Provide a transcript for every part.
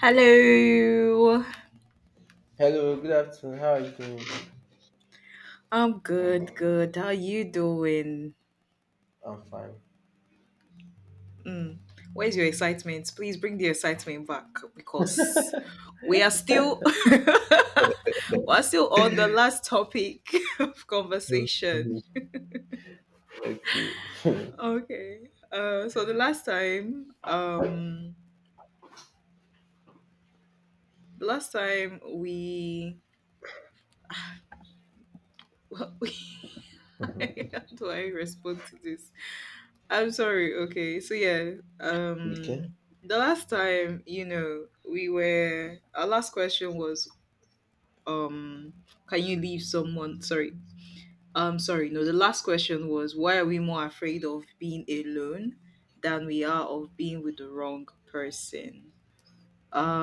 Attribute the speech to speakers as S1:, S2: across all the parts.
S1: Hello.
S2: Hello, good afternoon. How are you doing?
S1: I'm good, good. How you doing?
S2: I'm fine.
S1: Mm. Where's your excitement? Please bring the excitement back because we are still we're still on the last topic of conversation.
S2: Mhm. Okay.
S1: Okay. So the last time we how do I respond to this? I'm sorry. Okay. So yeah,
S2: Okay.
S1: the last time, we were our last question was um can you leave someone sorry. Sorry. No, the last question was, why are we more afraid of being alone than we are of being with the wrong person?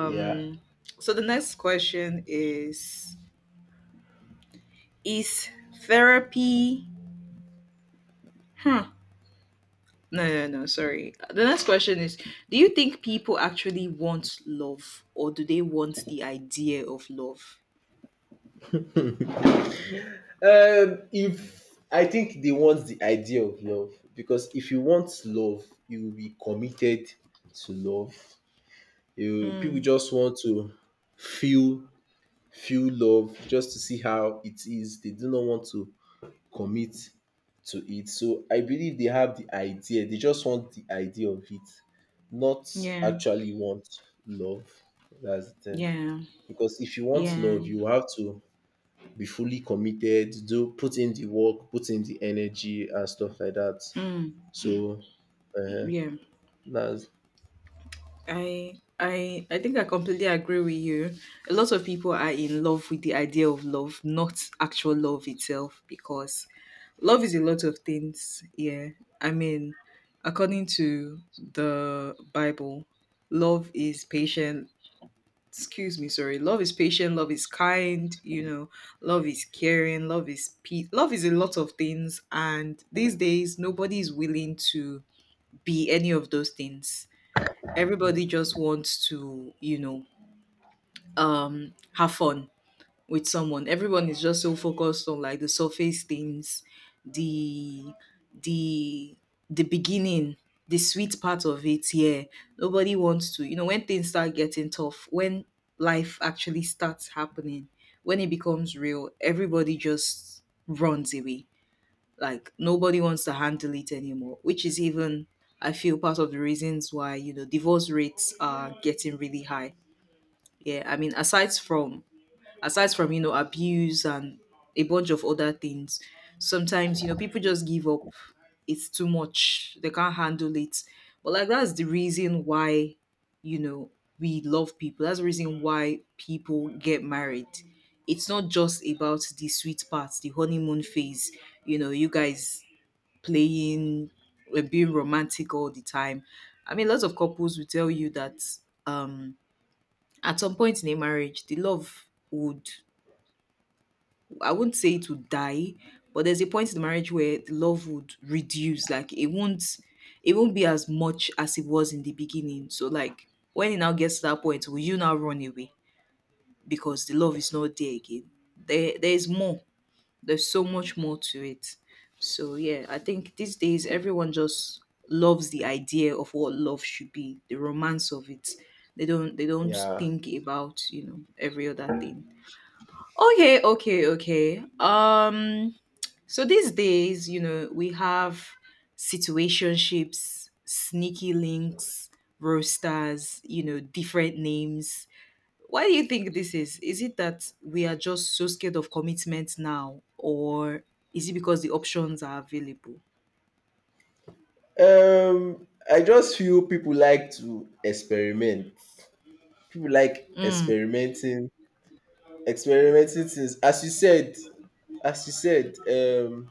S2: Yeah.
S1: so the next question is is therapy hmm. No, no, no, sorry. The next question is, do you think people actually want love or do they want the idea of love?
S2: If I think they want the idea of love because if you want love, you will be committed to love. You people
S1: Mm.
S2: just want to feel feel love just to see how it is. They do not want to commit to it. So I believe they have the idea. They just want the idea of it, not
S1: Yeah.
S2: actually want love. That's the thing.
S1: Yeah.
S2: Because if you want
S1: Yeah.
S2: love, you have to be fully committed, do put in the work, put in the energy and stuff like that.
S1: Mm.
S2: So uh,
S1: Yeah.
S2: that's
S1: I think I completely agree with you. A lot of people are in love with the idea of love, not actual love itself, because love is a lot of things. Yeah. I mean, according to the Bible, love is patient, excuse me, sorry, love is patient, love is kind, you know, love is caring, love is peace, love is a lot of things, and these days nobody is willing to be any of those things. Everybody just wants to, have fun with someone. Everyone is just so focused on, like, the surface things, the the the beginning, the sweet part of it. Yeah. Nobody wants to, you know, when things start getting tough, when life actually starts happening, when it becomes real, everybody just runs away. Like, nobody wants to handle it anymore, which is even, I feel, part of the reasons why, you know, divorce rates are getting really high. Yeah, I mean, aside from, you know, abuse and a bunch of other things. Sometimes, you know, people just give up. It's too much, they can't handle it. But, like, that's the reason why, you know, we love people. That's the reason why people get married. It's not just about the sweet parts, the honeymoon phase, you know, you guys playing, being romantic all the time. I mean, lots of couples will tell you that um at some point in a marriage the love would, I wouldn't say it would die, but there's a point in the marriage where the love would reduce. Like, it won't, it won't be as much as it was in the beginning. So, like, when it now gets to that point, will you now run away? Because the love is not there again. There's more. There's so much more to it. So yeah, I think these days everyone just loves the idea of what love should be, the romance of it. They don't
S2: yeah.
S1: think about, you know, every other thing. Okay, okay, okay. So these days, you know, we have situationships, sneaky links, roasters, you know, different names. Why do you think this is? Is it that we are just so scared of commitment now, or is it because the options are available?
S2: I just feel people like to experiment. People like
S1: Mm.
S2: experimenting things, as you said, as you said um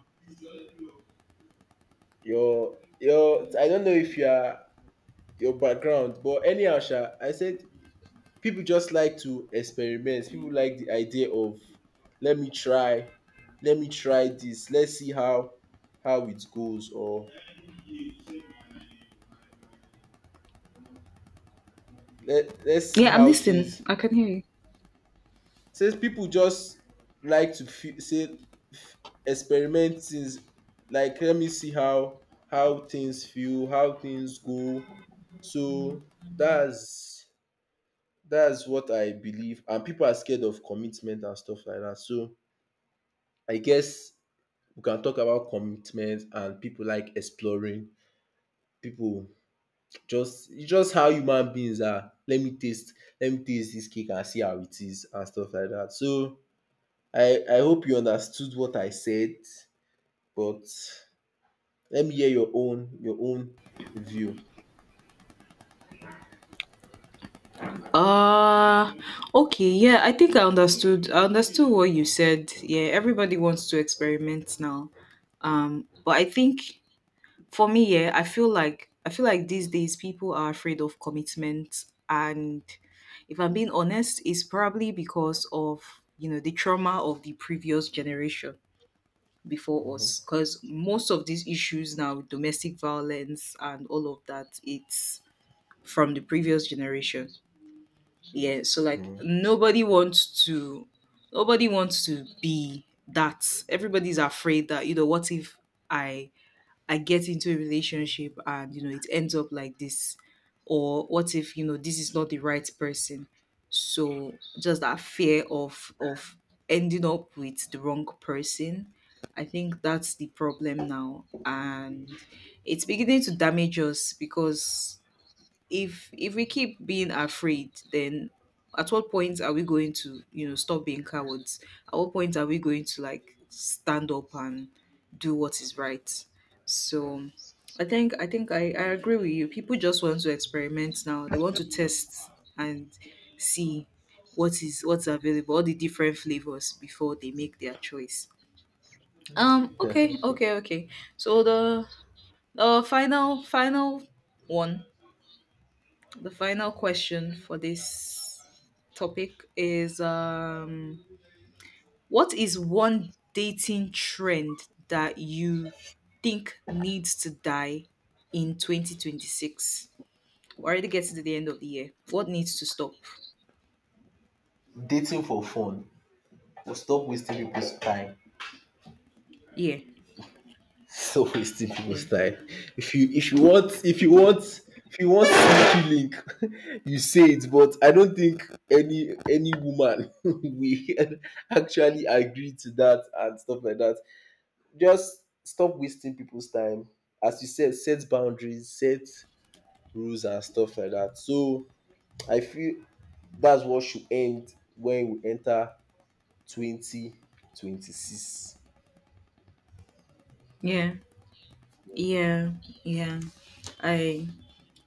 S2: your I don't know if you are your background, but anyhow sha I said people just like to experiment. People like the idea of let me try let me try this, let's see how it goes, or let's see
S1: Yeah, I'm
S2: how things.
S1: listening. I can hear you.
S2: Since people just like to feel, say, experiment things, like let me see how things feel, how things go. So that's that's what I believe. And people are scared of commitment and stuff like that, so I guess we can talk about commitment. And people like exploring. People, just it's just how human beings are, let me taste, this cake and see how it is and stuff like that. So I hope you understood what I said, but let me hear your own, view.
S1: Uh okay, yeah, I think I understood. I understood what you said. Yeah, everybody wants to experiment now. But I think, for me, yeah, I feel like these days people are afraid of commitment, and, if I'm being honest, it's probably because of, you know, the trauma of the previous generation before
S2: Mhm.
S1: us, because most of these issues now, domestic violence and all of that, it's from the previous generation. Yeah, so, like, nobody wants to be that. Everybody's afraid that, you know, what if i I get into a relationship and, you know, it ends up like this, or what if, you know, this is not the right person. So just that fear of ending up with the wrong person, I think that's the problem now. And it's beginning to damage us, because if we keep being afraid, then at what point are we going to, you know, stop being cowards? At what point are we going to, like, stand up and do what is right? So I agree with you, people just want to experiment now, they want to test and see what is, what's available, all the different flavors, before they make their choice. Okay,
S2: Okay.
S1: okay, okay. So the final final one the final question for this topic is, what is one dating trend that you think needs to die in 2026? We're already getting to the end of the year. What needs to stop?
S2: Dating for fun. Well, stop wasting people's time.
S1: Yeah.
S2: Stop wasting people's
S1: Yeah.
S2: time. If you want if you want if you want sneaky link, you say it. But I don't think any woman will actually agree to that and stuff like that. Just stop wasting people's time. As you said, set boundaries, set rules and stuff like that. So I feel that's what should end when we enter 2026.
S1: Yeah. Yeah. Yeah. I.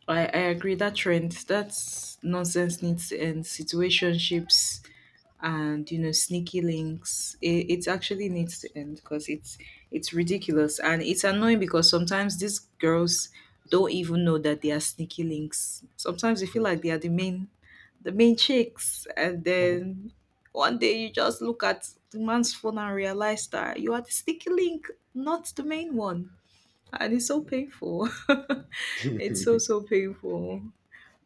S1: I agree, that trend, that's nonsense, needs to end. Situationships, and, you know, sneaky links, it actually needs to end because it's ridiculous and it's annoying, because sometimes these girls don't even know that they are sneaky links. Sometimes they feel like they are the main, the main chicks, and then one day you just look at the man's phone and realize that you are the sneaky link, not the main one. And it's so painful. It's so, so painful.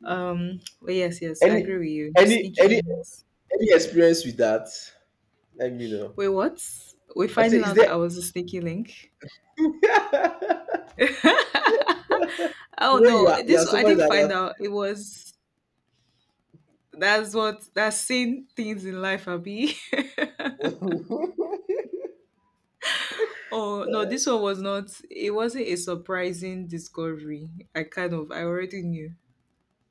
S1: But yes, yes, I agree
S2: Any
S1: with you,
S2: any
S1: sneaky
S2: any
S1: links.
S2: any experience with that? Let me know.
S1: Wait, what? We're
S2: I say,
S1: finding
S2: is
S1: out that
S2: there,
S1: I was a sneaky link.
S2: you know,
S1: Oh
S2: you
S1: no,
S2: are,
S1: this I
S2: somebody
S1: didn't
S2: that
S1: find
S2: has.
S1: out. It was, that's what, that's seen things in life, Abby. Oh no, this one was not. It wasn't a surprising discovery. I kind of I already knew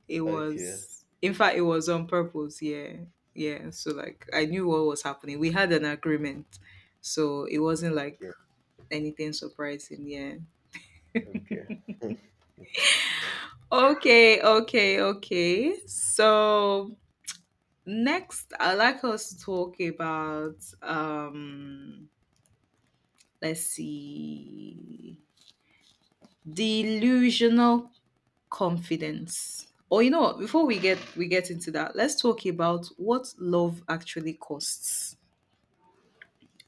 S1: it
S2: Okay,
S1: was. In fact, it was on purpose. Yeah, yeah. So, like, I knew what was happening. We had an agreement, so it wasn't like
S2: okay,
S1: anything surprising. Yeah.
S2: okay.
S1: Okay, okay, okay. So next, I'd like us to talk about um let's see, delusional confidence. Or, you know what, before we get into that, let's talk about what love actually costs.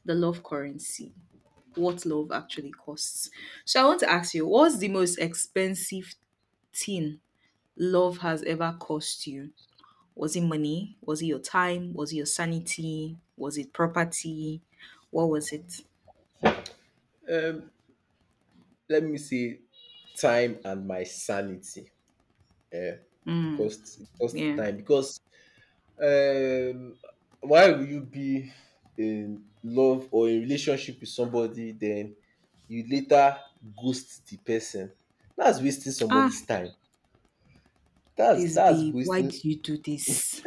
S1: The love currency. What love actually costs. So I want to ask you, what's the most expensive thing love has ever cost you? Was it money? Was it your time? Was it your sanity? Was it property? What was it?
S2: Let me see, time and my sanity.
S1: Mm,
S2: Cost
S1: yeah.
S2: time, because um why will you be in love or in relationship with somebody then you later ghost the person? That's wasting
S1: Ah,
S2: somebody's time.
S1: this
S2: That's
S1: babe, why did
S2: wasting.
S1: you do this?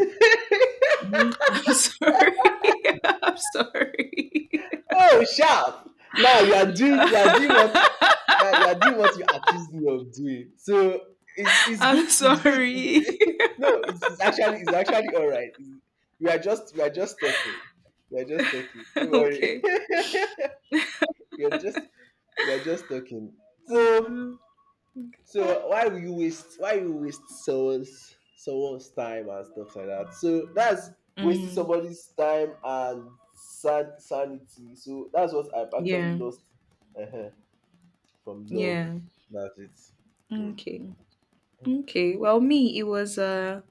S1: Me? I'm sorry. I'm sorry.
S2: Oh sharp! Now you are doing, what? Now you are doing what you accused me of doing. So it's it's
S1: I'm
S2: good it's good
S1: sorry.
S2: It's- No, it's actually alright. We are just talking. We are just talking. Don't worry.
S1: Okay.
S2: we are just we are just talking. So
S1: Um,
S2: Why you waste someone's time and stuff like that? So that's wasting
S1: mm,
S2: somebody's time and sanity. So that's what I've actually
S1: yeah.
S2: lost uh from love.
S1: Yeah.
S2: That's it. Mm.
S1: Okay. Okay. Well, me, it was, uh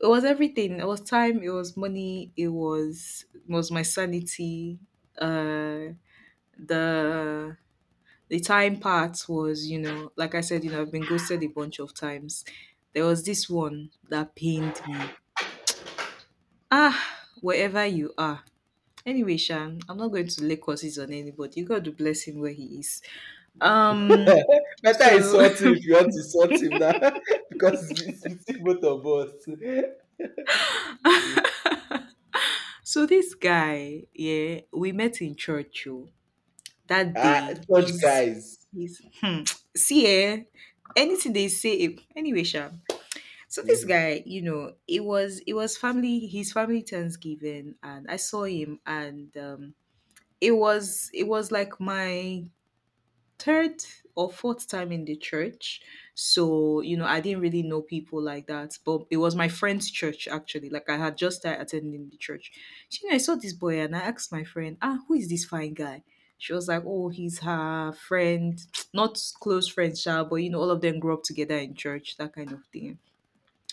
S1: it was everything. It was time, it was money, it was, it was my sanity. Uh the the time part was, you know, like I said, I've been ghosted a bunch of times. There was this one that pained me, ah, wherever you are, anyway shan, I'm not going to lay curses on anybody, god to bless him where he is. um
S2: Better
S1: so
S2: insult him if you want to insult him now because it's between both of us.
S1: so this guy, yeah, we met in church. Oh, that
S2: Ah,
S1: day,
S2: church guys.
S1: he's, see eh, anything they say eh, anyway sha. So this
S2: Mhm.
S1: guy, you know, it was family his family Thanksgiving, and I saw him, and it was like my third or fourth time in the church. So, you know, I didn't really know people like that. But it was my friend's church, actually. Like, I had just started attending the church. So, you know, I saw this boy, and I asked my friend, ah, who is this fine guy? She was like, oh, he's her friend, not close friend, sha, but, you know, all of them grew up together in church, that kind of thing.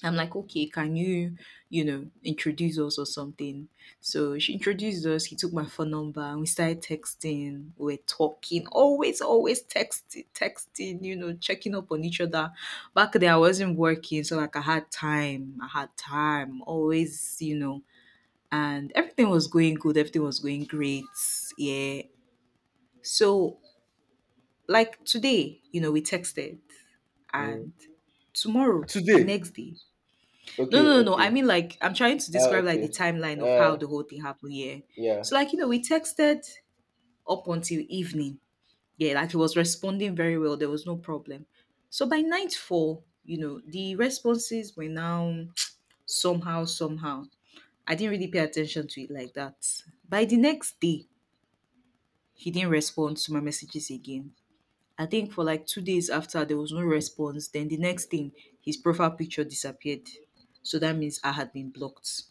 S1: I'm like, okay, can you, you know, introduce us or something? So she introduced us. He took my phone number and we started texting. We were talking, always, always, texting, texting, you know, checking up on each other. Back then, I wasn't working. So, like, I had time. I had time, always, you know, and everything was going good. Everything was going great. Yeah. So, like, today, you know, we texted,
S2: Mm.
S1: and tomorrow, the
S2: Today.
S1: next day, no,
S2: Okay,
S1: no, no, I
S2: okay.
S1: mean, like, I'm trying to
S2: Ah,
S1: describe, like,
S2: okay.
S1: the timeline of how
S2: Uh,
S1: the whole thing happened. Yeah.
S2: yeah.
S1: So, like, you know, we texted up until evening. Yeah, like, he was responding very well. There was no problem. So by nightfall, you know, the responses were now somehow, somehow. I didn't really pay attention to it like that. By the next day, he didn't respond to my messages again. I think for like 2 days after there was no response. Then the next thing, his profile picture disappeared. So that means I had been blocked.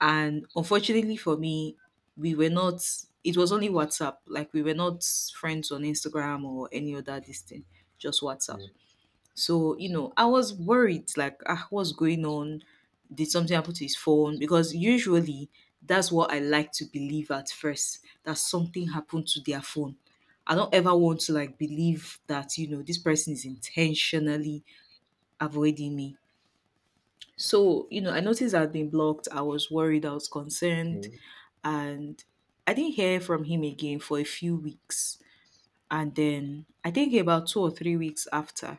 S1: And unfortunately for me, we were not, it was only WhatsApp. Like, we were not friends on Instagram or any other this thing, just WhatsApp. So, you know, I was worried, like, ah, what's going on? Did something happen to his phone? Because usually that's what I like to believe at first, that something happened to their phone. I don't ever want to, like, believe that, you know, this person is intentionally avoiding me. So, you know, I noticed I'd been blocked. I was worried, I was concerned
S2: Mhm.
S1: and I didn't hear from him again for a few weeks. And then I think about 2 or 3 weeks after,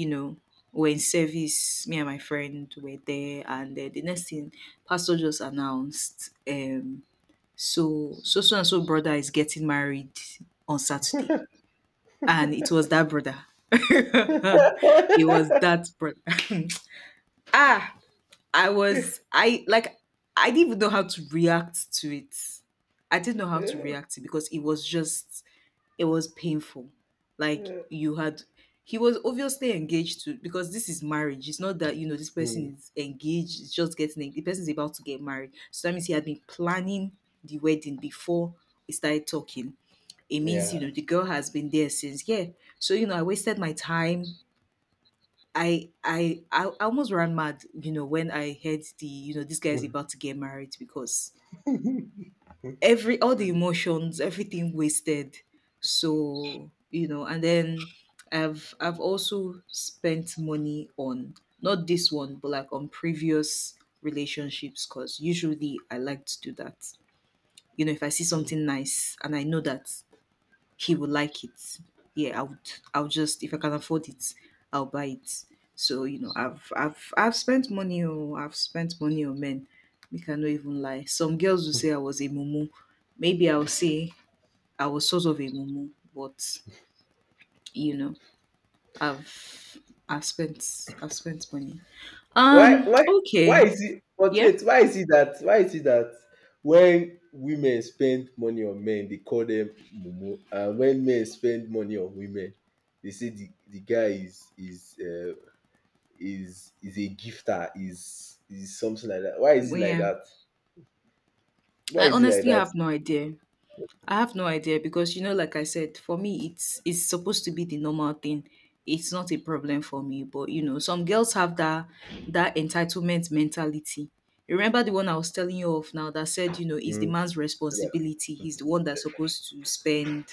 S1: you know, we're in service, me and my friend were there, and the next thing, Pastor just announced, so and so brother is getting married on Saturday, and it was that brother. It was that brother. ah, I I didn't even know how to react to it. I didn't know how to
S2: Mm,
S1: react to it because it was just it was painful. Like you had He was obviously engaged to because this is marriage. It's not that you know this person is engaged, it's just getting the person is about to get married. So that means he had been planning the wedding before we started talking. It means you
S2: yeah.
S1: know the girl has been there since, yeah. So you know I wasted my time. I almost ran mad, you know, when I heard the, you know, this guy's about to get married because every all the emotions, everything wasted. So, you know, and then I've also spent money on not this one, but like on previous relationships because usually I like to do that. You know, if I see something nice and I know that he would like it. Yeah, I would. I'll just if I can afford it, I'll buy it. So you know, I've spent money. Oh, I've spent money on men. We cannot even lie. Some girls will say I was a mumu. Maybe I'll say I was sort of a mumu, but you know, I've I've spent money.
S2: why why why
S1: Okay.
S2: is it but
S1: Yeah.
S2: wait, why is it that when women spend money on men they call them mumu, and when men spend money on women they say the guy is a gifter, is something like that. Why is it
S1: Well,
S2: like
S1: yeah.
S2: that? why
S1: I
S2: is it like
S1: honestly
S2: that
S1: have no idea. I have no idea because you know, like I said, for me it's supposed to be the normal thing. It's not a problem for me. But you know, some girls have that entitlement mentality. You remember the one I was telling you of now that said, you know, it's the
S2: Mm.
S1: man's
S2: Like,
S1: responsibility. He's the one that's supposed to spend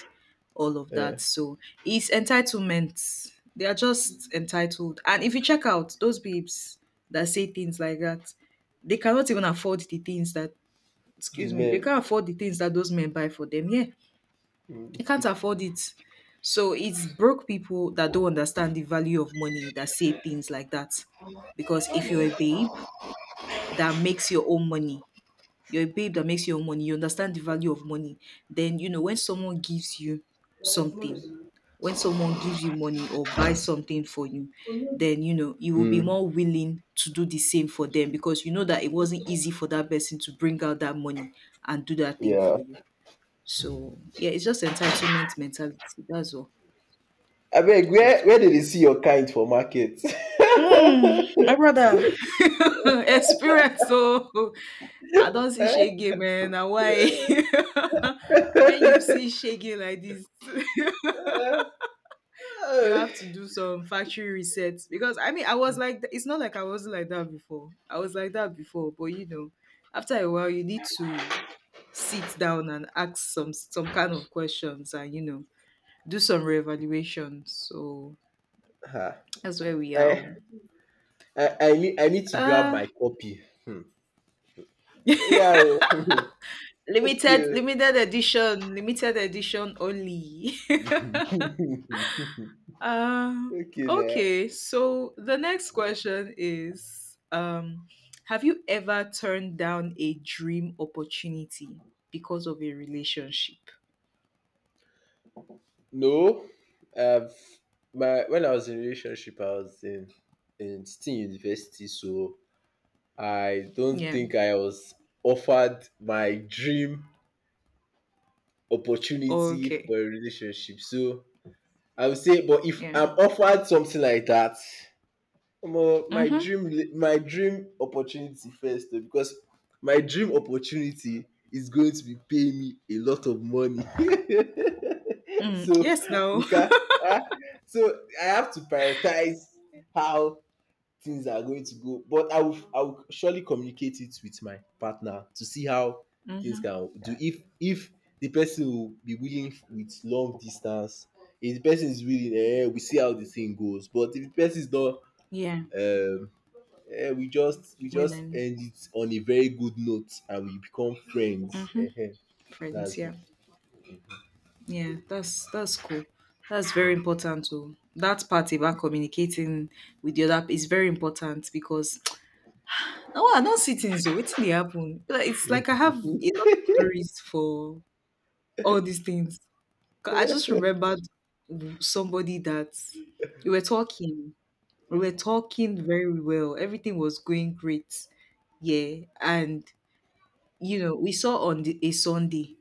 S1: all of that.
S2: eh,
S1: So it's entitlement. They are just entitled. And if you check out those babes that say things like that, they cannot even afford the things that,
S2: the
S1: excuse me, they
S2: men,
S1: can't afford the things that those men buy for them. Yeah. They
S2: mm,
S1: can't afford it. So it's broke people that don't understand the value of money that say things like that. Because if you're a babe that makes your own money, you're a babe that makes your own money, you understand the value of money, then you know when someone gives you something, when someone gives you money or buys something for you, then you know you will be
S2: mm,
S1: more willing to do the same for them because you know that it wasn't easy for that person to bring out that money and do that thing
S2: yeah.
S1: for you. So yeah, it's just entitlement mentality. That's all.
S2: Abeg,
S1: That's
S2: where
S1: all.
S2: dey see your kind for market?
S1: Mm,
S2: um
S1: my brother. Experience. So I don't see shaking, man. And why? When you see shaking like this, you have to do some factory resets. Because I mean, I was like, it's not like I wasn't like that before. I was like that before, but you know, after a while, you need to sit down and ask some kind of questions, and you know, do some reevaluation. So that's where we are.
S2: I
S1: Oh.
S2: I need to grab
S1: Uh
S2: my copy. um Oya oo. Okay
S1: limited
S2: oo.
S1: limited edition limited edition only. um
S2: Okay na.
S1: okay, so the next question is, have you ever turned down a dream opportunity because of a relationship?
S2: No, I've my when I was in relationship I was in still university, so I don't
S1: Yeah.
S2: think I was offered my dream opportunity
S1: Okay.
S2: for a relationship, so I would say. But if
S1: Yeah.
S2: I'm offered something like that, omo,
S1: Mm-hmm.
S2: my dream opportunity first, oh, because my dream opportunity is going to be paying me a lot of money.
S1: Mm.
S2: So
S1: Yes, no.
S2: we can, ah, so I have to prioritize how things are going to go. But I will, surely communicate it with my partner to see how things
S1: Mm-hmm.
S2: can do. If the person will be willing with long distance, if the person is willing, eh, we see how the thing goes. But if the person is not,
S1: Yeah.
S2: um, eh, we just
S1: Willing.
S2: end it on a very good note and we become friends.
S1: Mm-hmm.
S2: Eh,
S1: Friends,
S2: that's
S1: yeah.
S2: it.
S1: Yeah, that's cool. That's very important too. That part about communicating with the other is very important because no, I don't see things though. Waiting they happen. Like, it's like I have a lot of stories for all these things. 'Cause I just remembered somebody that we were talking. We were talking very well. Everything was going great. Yeah, and you know we saw on a Sunday.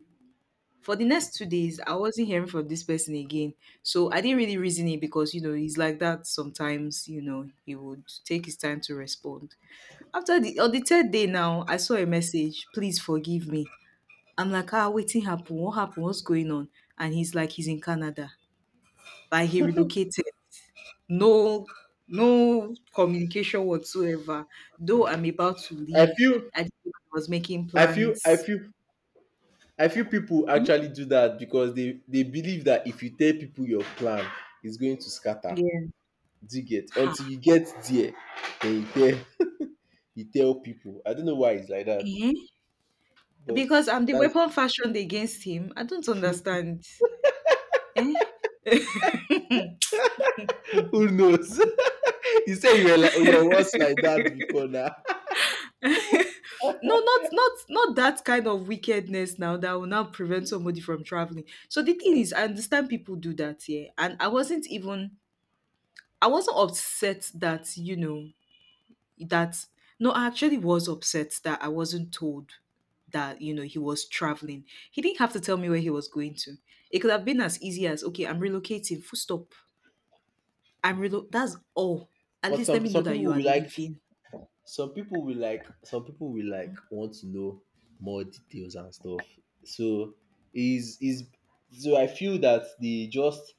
S1: For the next 2 days, I wasn't hearing from this person again. So I didn't really reason it because, you know, he's like that sometimes, you know, he would take his time to respond. After the On the third day now, I saw a message, please forgive me. I'm like, ah, waiting happened? What happened? What's going on? And he's like, he's in Canada. Like he relocated. No No communication whatsoever. Though I'm about to
S2: I
S1: leave,
S2: feel
S1: I was making
S2: I feel I
S1: plans.
S2: feel I feel people actually do that because they believe that if you tell people your plan, it's going to scatter.
S1: Yeah.
S2: Do you get? Until
S1: Ha.
S2: you get there, then you tell people. I don't know why it's like that,
S1: Eh?
S2: but
S1: Because I'm the
S2: that's.
S1: weapon fashioned against him. I don't understand. Eh?
S2: Who knows. You say you were like, oh, you was like that before now.
S1: No, not that kind of wickedness now that will now prevent somebody from traveling. So the thing is, I understand people do that here, and I wasn't even, I wasn't upset that, you know, that, no, I actually was upset that I wasn't told that, you know, he was traveling. He didn't have to tell me where he was going to. It could have been as easy as, okay, I'm relocating, full stop. I'm relo That's all. At
S2: But
S1: least let me know
S2: some
S1: that
S2: people
S1: you are
S2: will like,
S1: leaving.
S2: some people will like, want to know more details and stuff. So is so I feel that they just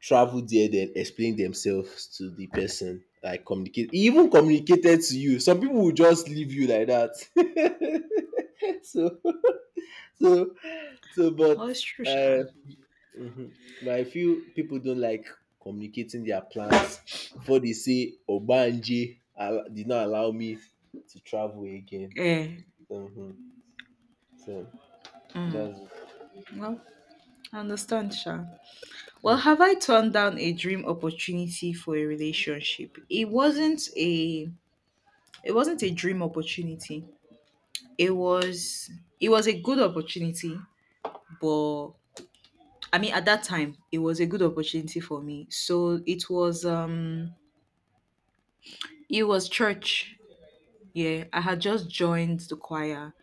S2: travel there then explain themselves to the person. Like, communicate, even communicated to you. Some people will just leave you like that. So. so but
S1: Well, it's true, Sha.
S2: uh, I feel people don't like communicating their plans before they say ogbanje did not allow me to travel again.
S1: Eh.
S2: hmm so that's it.
S1: Well, I understand, Sha. Well, have I turned down a dream opportunity for a relationship? It wasn't a dream opportunity. It was, it was a good opportunity, but I mean at that time it was a good opportunity for me. So it was, it was church. Yeah, I had just joined the choir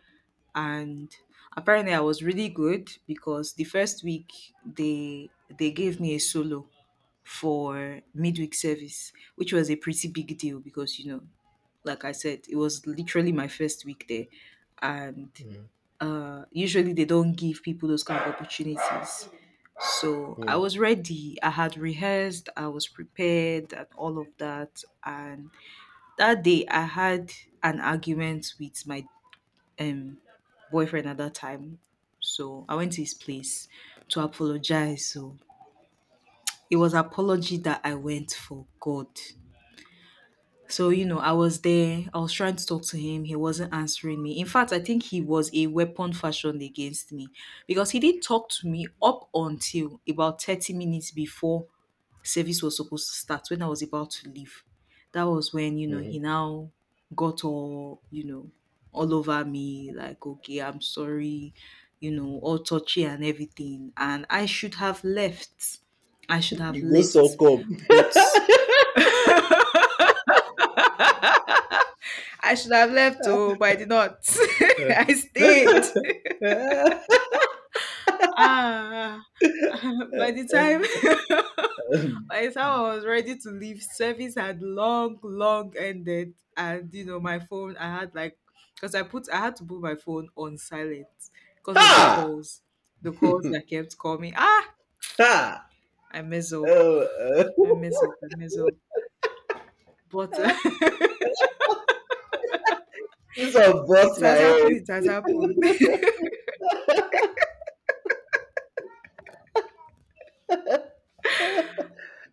S1: and apparently I was really good because the first week they gave me a solo for midweek service, which was a pretty big deal because you know, like I said, it was literally my first week there, and
S2: Mhm.
S1: usually they don't give people those kind of opportunities. So I
S2: Mhm.
S1: was ready. I had rehearsed. I was prepared, and all of that. And that day, I had an argument with my um boyfriend at that time. So I went to his place to apologize. So it was apology that I went for God. So, you know, I was there, I was trying to talk to him, he wasn't answering me. In fact, I think he was a weapon fashioned against me because he did talk to me up until about 30 minutes before service was supposed to start when I was about to leave. That was when, you know,
S2: Mhm.
S1: he now got all, you know, all over me, like, okay, I'm sorry, you know, all touchy and everything. And I should have left. I should have
S2: You go so
S1: left.
S2: up.
S1: But I should have left, oh, but I did not. I stayed. Ah, by the time by the time I was ready to leave, service had long, long ended, and you know my phone. I had like because I had to put my phone on silent because of
S2: Ha.
S1: the calls that kept coming. Ah,
S2: Ha.
S1: I mess up,
S2: Oh,
S1: I mess up. But
S2: this one
S1: it
S2: burst my
S1: has
S2: head.
S1: happened. It has happened.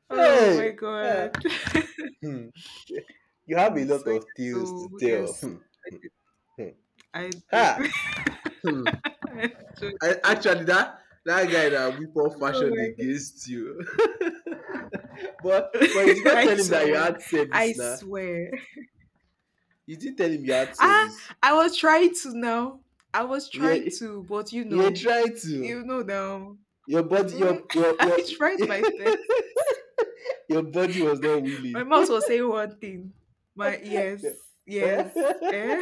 S1: Oh my
S2: Hey. Ah.
S1: god.
S2: Hmm. You have a
S1: Mm,
S2: lot
S1: so yes,
S2: of tales to
S1: so
S2: tell.
S1: yes,
S2: Hmm.
S1: I do.
S2: Ha. Hmm.
S1: I actually
S2: I,
S1: do.
S2: actually, that guy that whip up
S1: Oh
S2: fashioned
S1: my.
S2: against you. but but you did not
S1: I
S2: tell him that you
S1: swear.
S2: had
S1: I
S2: service now.
S1: swear.
S2: You didn't tell him you had
S1: Ah,
S2: service.
S1: I was trying to now. I was trying
S2: You
S1: to, but
S2: you tried to.
S1: you know now.
S2: Your body,
S1: Mm.
S2: your
S1: I tried my best.
S2: your body was not
S1: My
S2: willing.
S1: mouth was saying one thing. My
S2: Your
S1: yes, yes. Eh?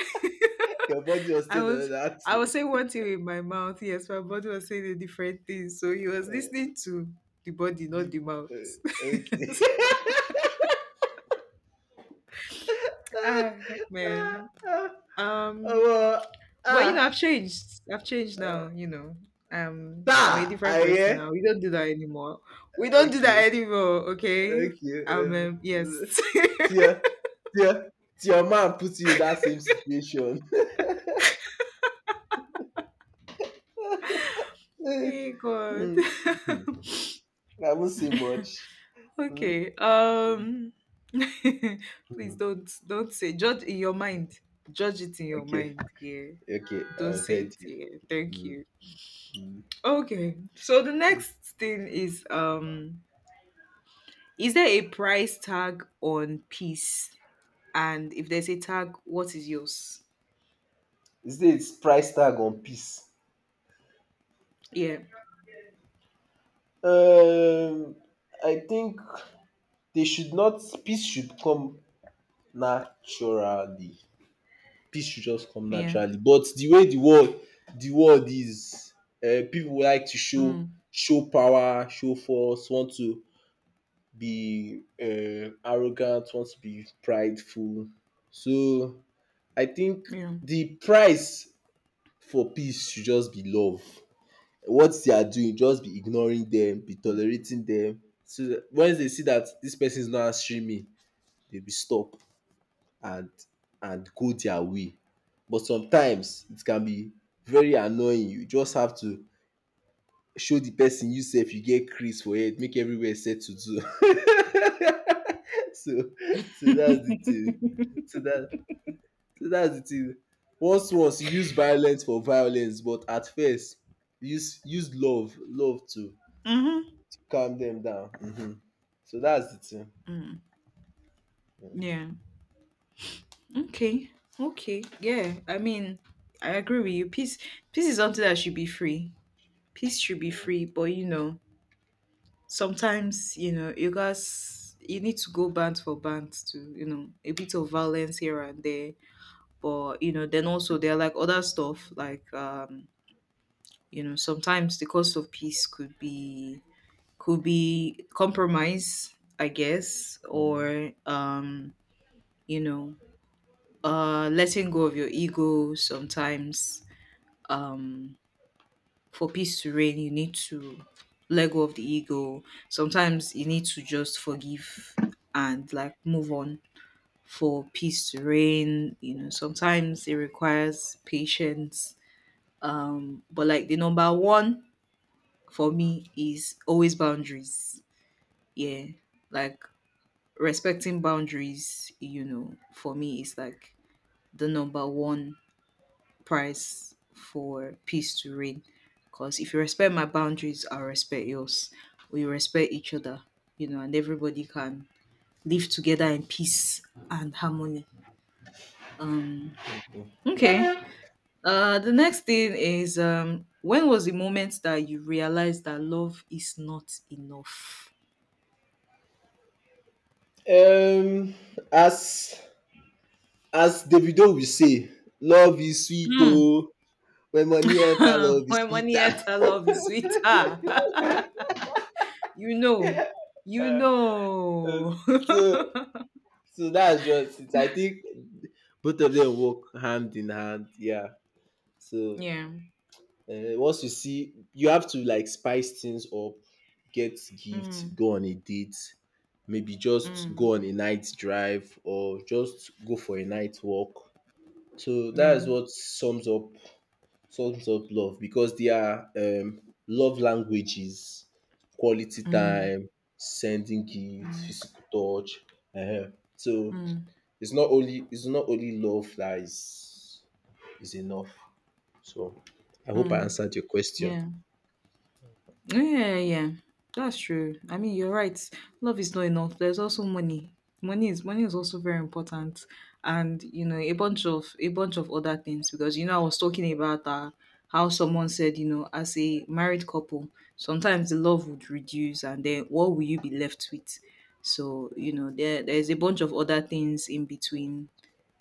S2: body was
S1: I
S2: still on
S1: was
S2: that.
S1: I was saying one thing with my mouth, yes, my body was saying a different thing. So he was
S2: Uh,
S1: listening to the body, not
S2: the,
S1: the mouth.
S2: uh, okay.
S1: So, ah man.
S2: Oh,
S1: Um
S2: well,
S1: But you know,
S2: ah,
S1: I've changed. I've changed
S2: ah,
S1: now, you know. I'm a
S2: ta,
S1: different person
S2: yeah.
S1: now. We don't do that anymore. We don't do
S2: Okay,
S1: that anymore, okay?
S2: okay.
S1: Yes.
S2: Dear, dear man puts you in that same situation.
S1: Hey God.
S2: Mm, hmm. I won't say much. Mm,
S1: Okay. Please
S2: mm.
S1: don't say, judge in your mind. Judge it in your
S2: Okay,
S1: mind, yeah.
S2: okay,
S1: Don't
S2: I've
S1: say it,
S2: heard you.
S1: yeah. Thank
S2: Mm,
S1: you.
S2: mm.
S1: Okay. So the next thing is, is there a price tag on peace? And if there's a tag, what is yours?
S2: Is there its price tag on peace?
S1: Yeah,
S2: Um, I think they should not. Peace should come naturally. Peace should just come
S1: yeah,
S2: naturally. But the way the world, is, people like to show,
S1: mm,
S2: power, show force, want to be, arrogant, want to be prideful. So I think
S1: yeah.
S2: the price for peace should just be love. What they are doing, just be ignoring them, be tolerating them. So that once they see that this person is not answering me, they will stop, and and go their way. But sometimes it can be very annoying. You just have to show the person you sef you get crease for head, make everywhere settle too. So, that's the thing. So that's the thing. Once, worse, use violence for violence, but at first, use love to
S1: Mm-hmm.
S2: calm them down. Mhm. So that's the thing.
S1: Mm, yeah. Okay. Okay. Yeah. I mean, I agree with you. Peace. Peace is something that should be free. Peace should be free, but you know, sometimes you know you guys you need to go band for band to you know a bit of violence here and there. But you know, then also there are like other stuff like you know sometimes the cost of peace could be compromise, I guess,
S2: Mm.
S1: or you know, letting go of your ego sometimes. Um for peace to reign, you need to let go of the ego. Sometimes you need to just forgive and like move on for peace to reign. You know, sometimes it requires patience. But like the number one for me is always boundaries. Yeah. Like respecting boundaries, you know, for me is like the number one prize for peace to reign. Because if you respect my boundaries, I'll respect yours. We respect each other, you know, and everybody can live together in peace and harmony. Um, okay. The next thing is, when was the moment that you realized that love is not enough?
S2: Um, as, Davido will say, love is sweet oh, when money enter,
S1: Hmm.
S2: love is
S1: When money
S2: sweeter.
S1: enter, love is sweeter. You know, you
S2: Uh, uh,
S1: know.
S2: so, that's just it. I think both of them work hand in hand. Yeah. So,
S1: Yeah.
S2: Once you see, you have to like spice things up, get gifts,
S1: Mm,
S2: go on a date, maybe just
S1: mm,
S2: go on a night drive or just go for a night walk. So that
S1: yeah.
S2: is what sums up, love, because there are, love languages, quality
S1: Mm,
S2: time, sending gifts,
S1: mm,
S2: physical touch. Uh-huh. So
S1: mm,
S2: it's not only, love that is enough. So I hope I
S1: mm,
S2: answered your question.
S1: yeah. Yeah, yeah, yeah. That's true. I mean, you're right. Love is not enough. There's also money. Money is also very important, and you know a bunch of other things because you know I was talking about how someone said you know as a married couple sometimes the love would reduce and then what will you be left with? So you know there's a bunch of other things in between.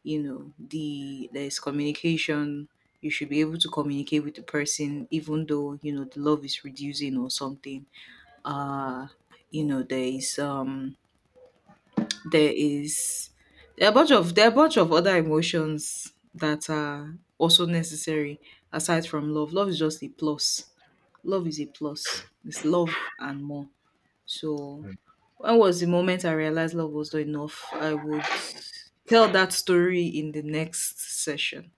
S1: You know there's communication. You should be able to communicate with the person even though you know the love is reducing or something. uh you know there is, there is there are a bunch of, there are a bunch of other emotions that are also necessary aside from love. Love is just a plus. Love is a plus, it's love and more. So, when was the moment I realized love was not enough? I would tell that story in the next session.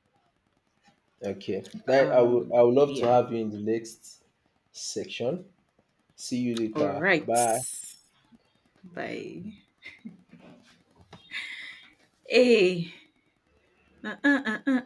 S2: Okay. I would, love to
S1: Yeah.
S2: have you in the next section. See you
S1: All
S2: later.
S1: right.
S2: Bye.
S1: Bye. Hey. Uh, uh, uh, uh, uh.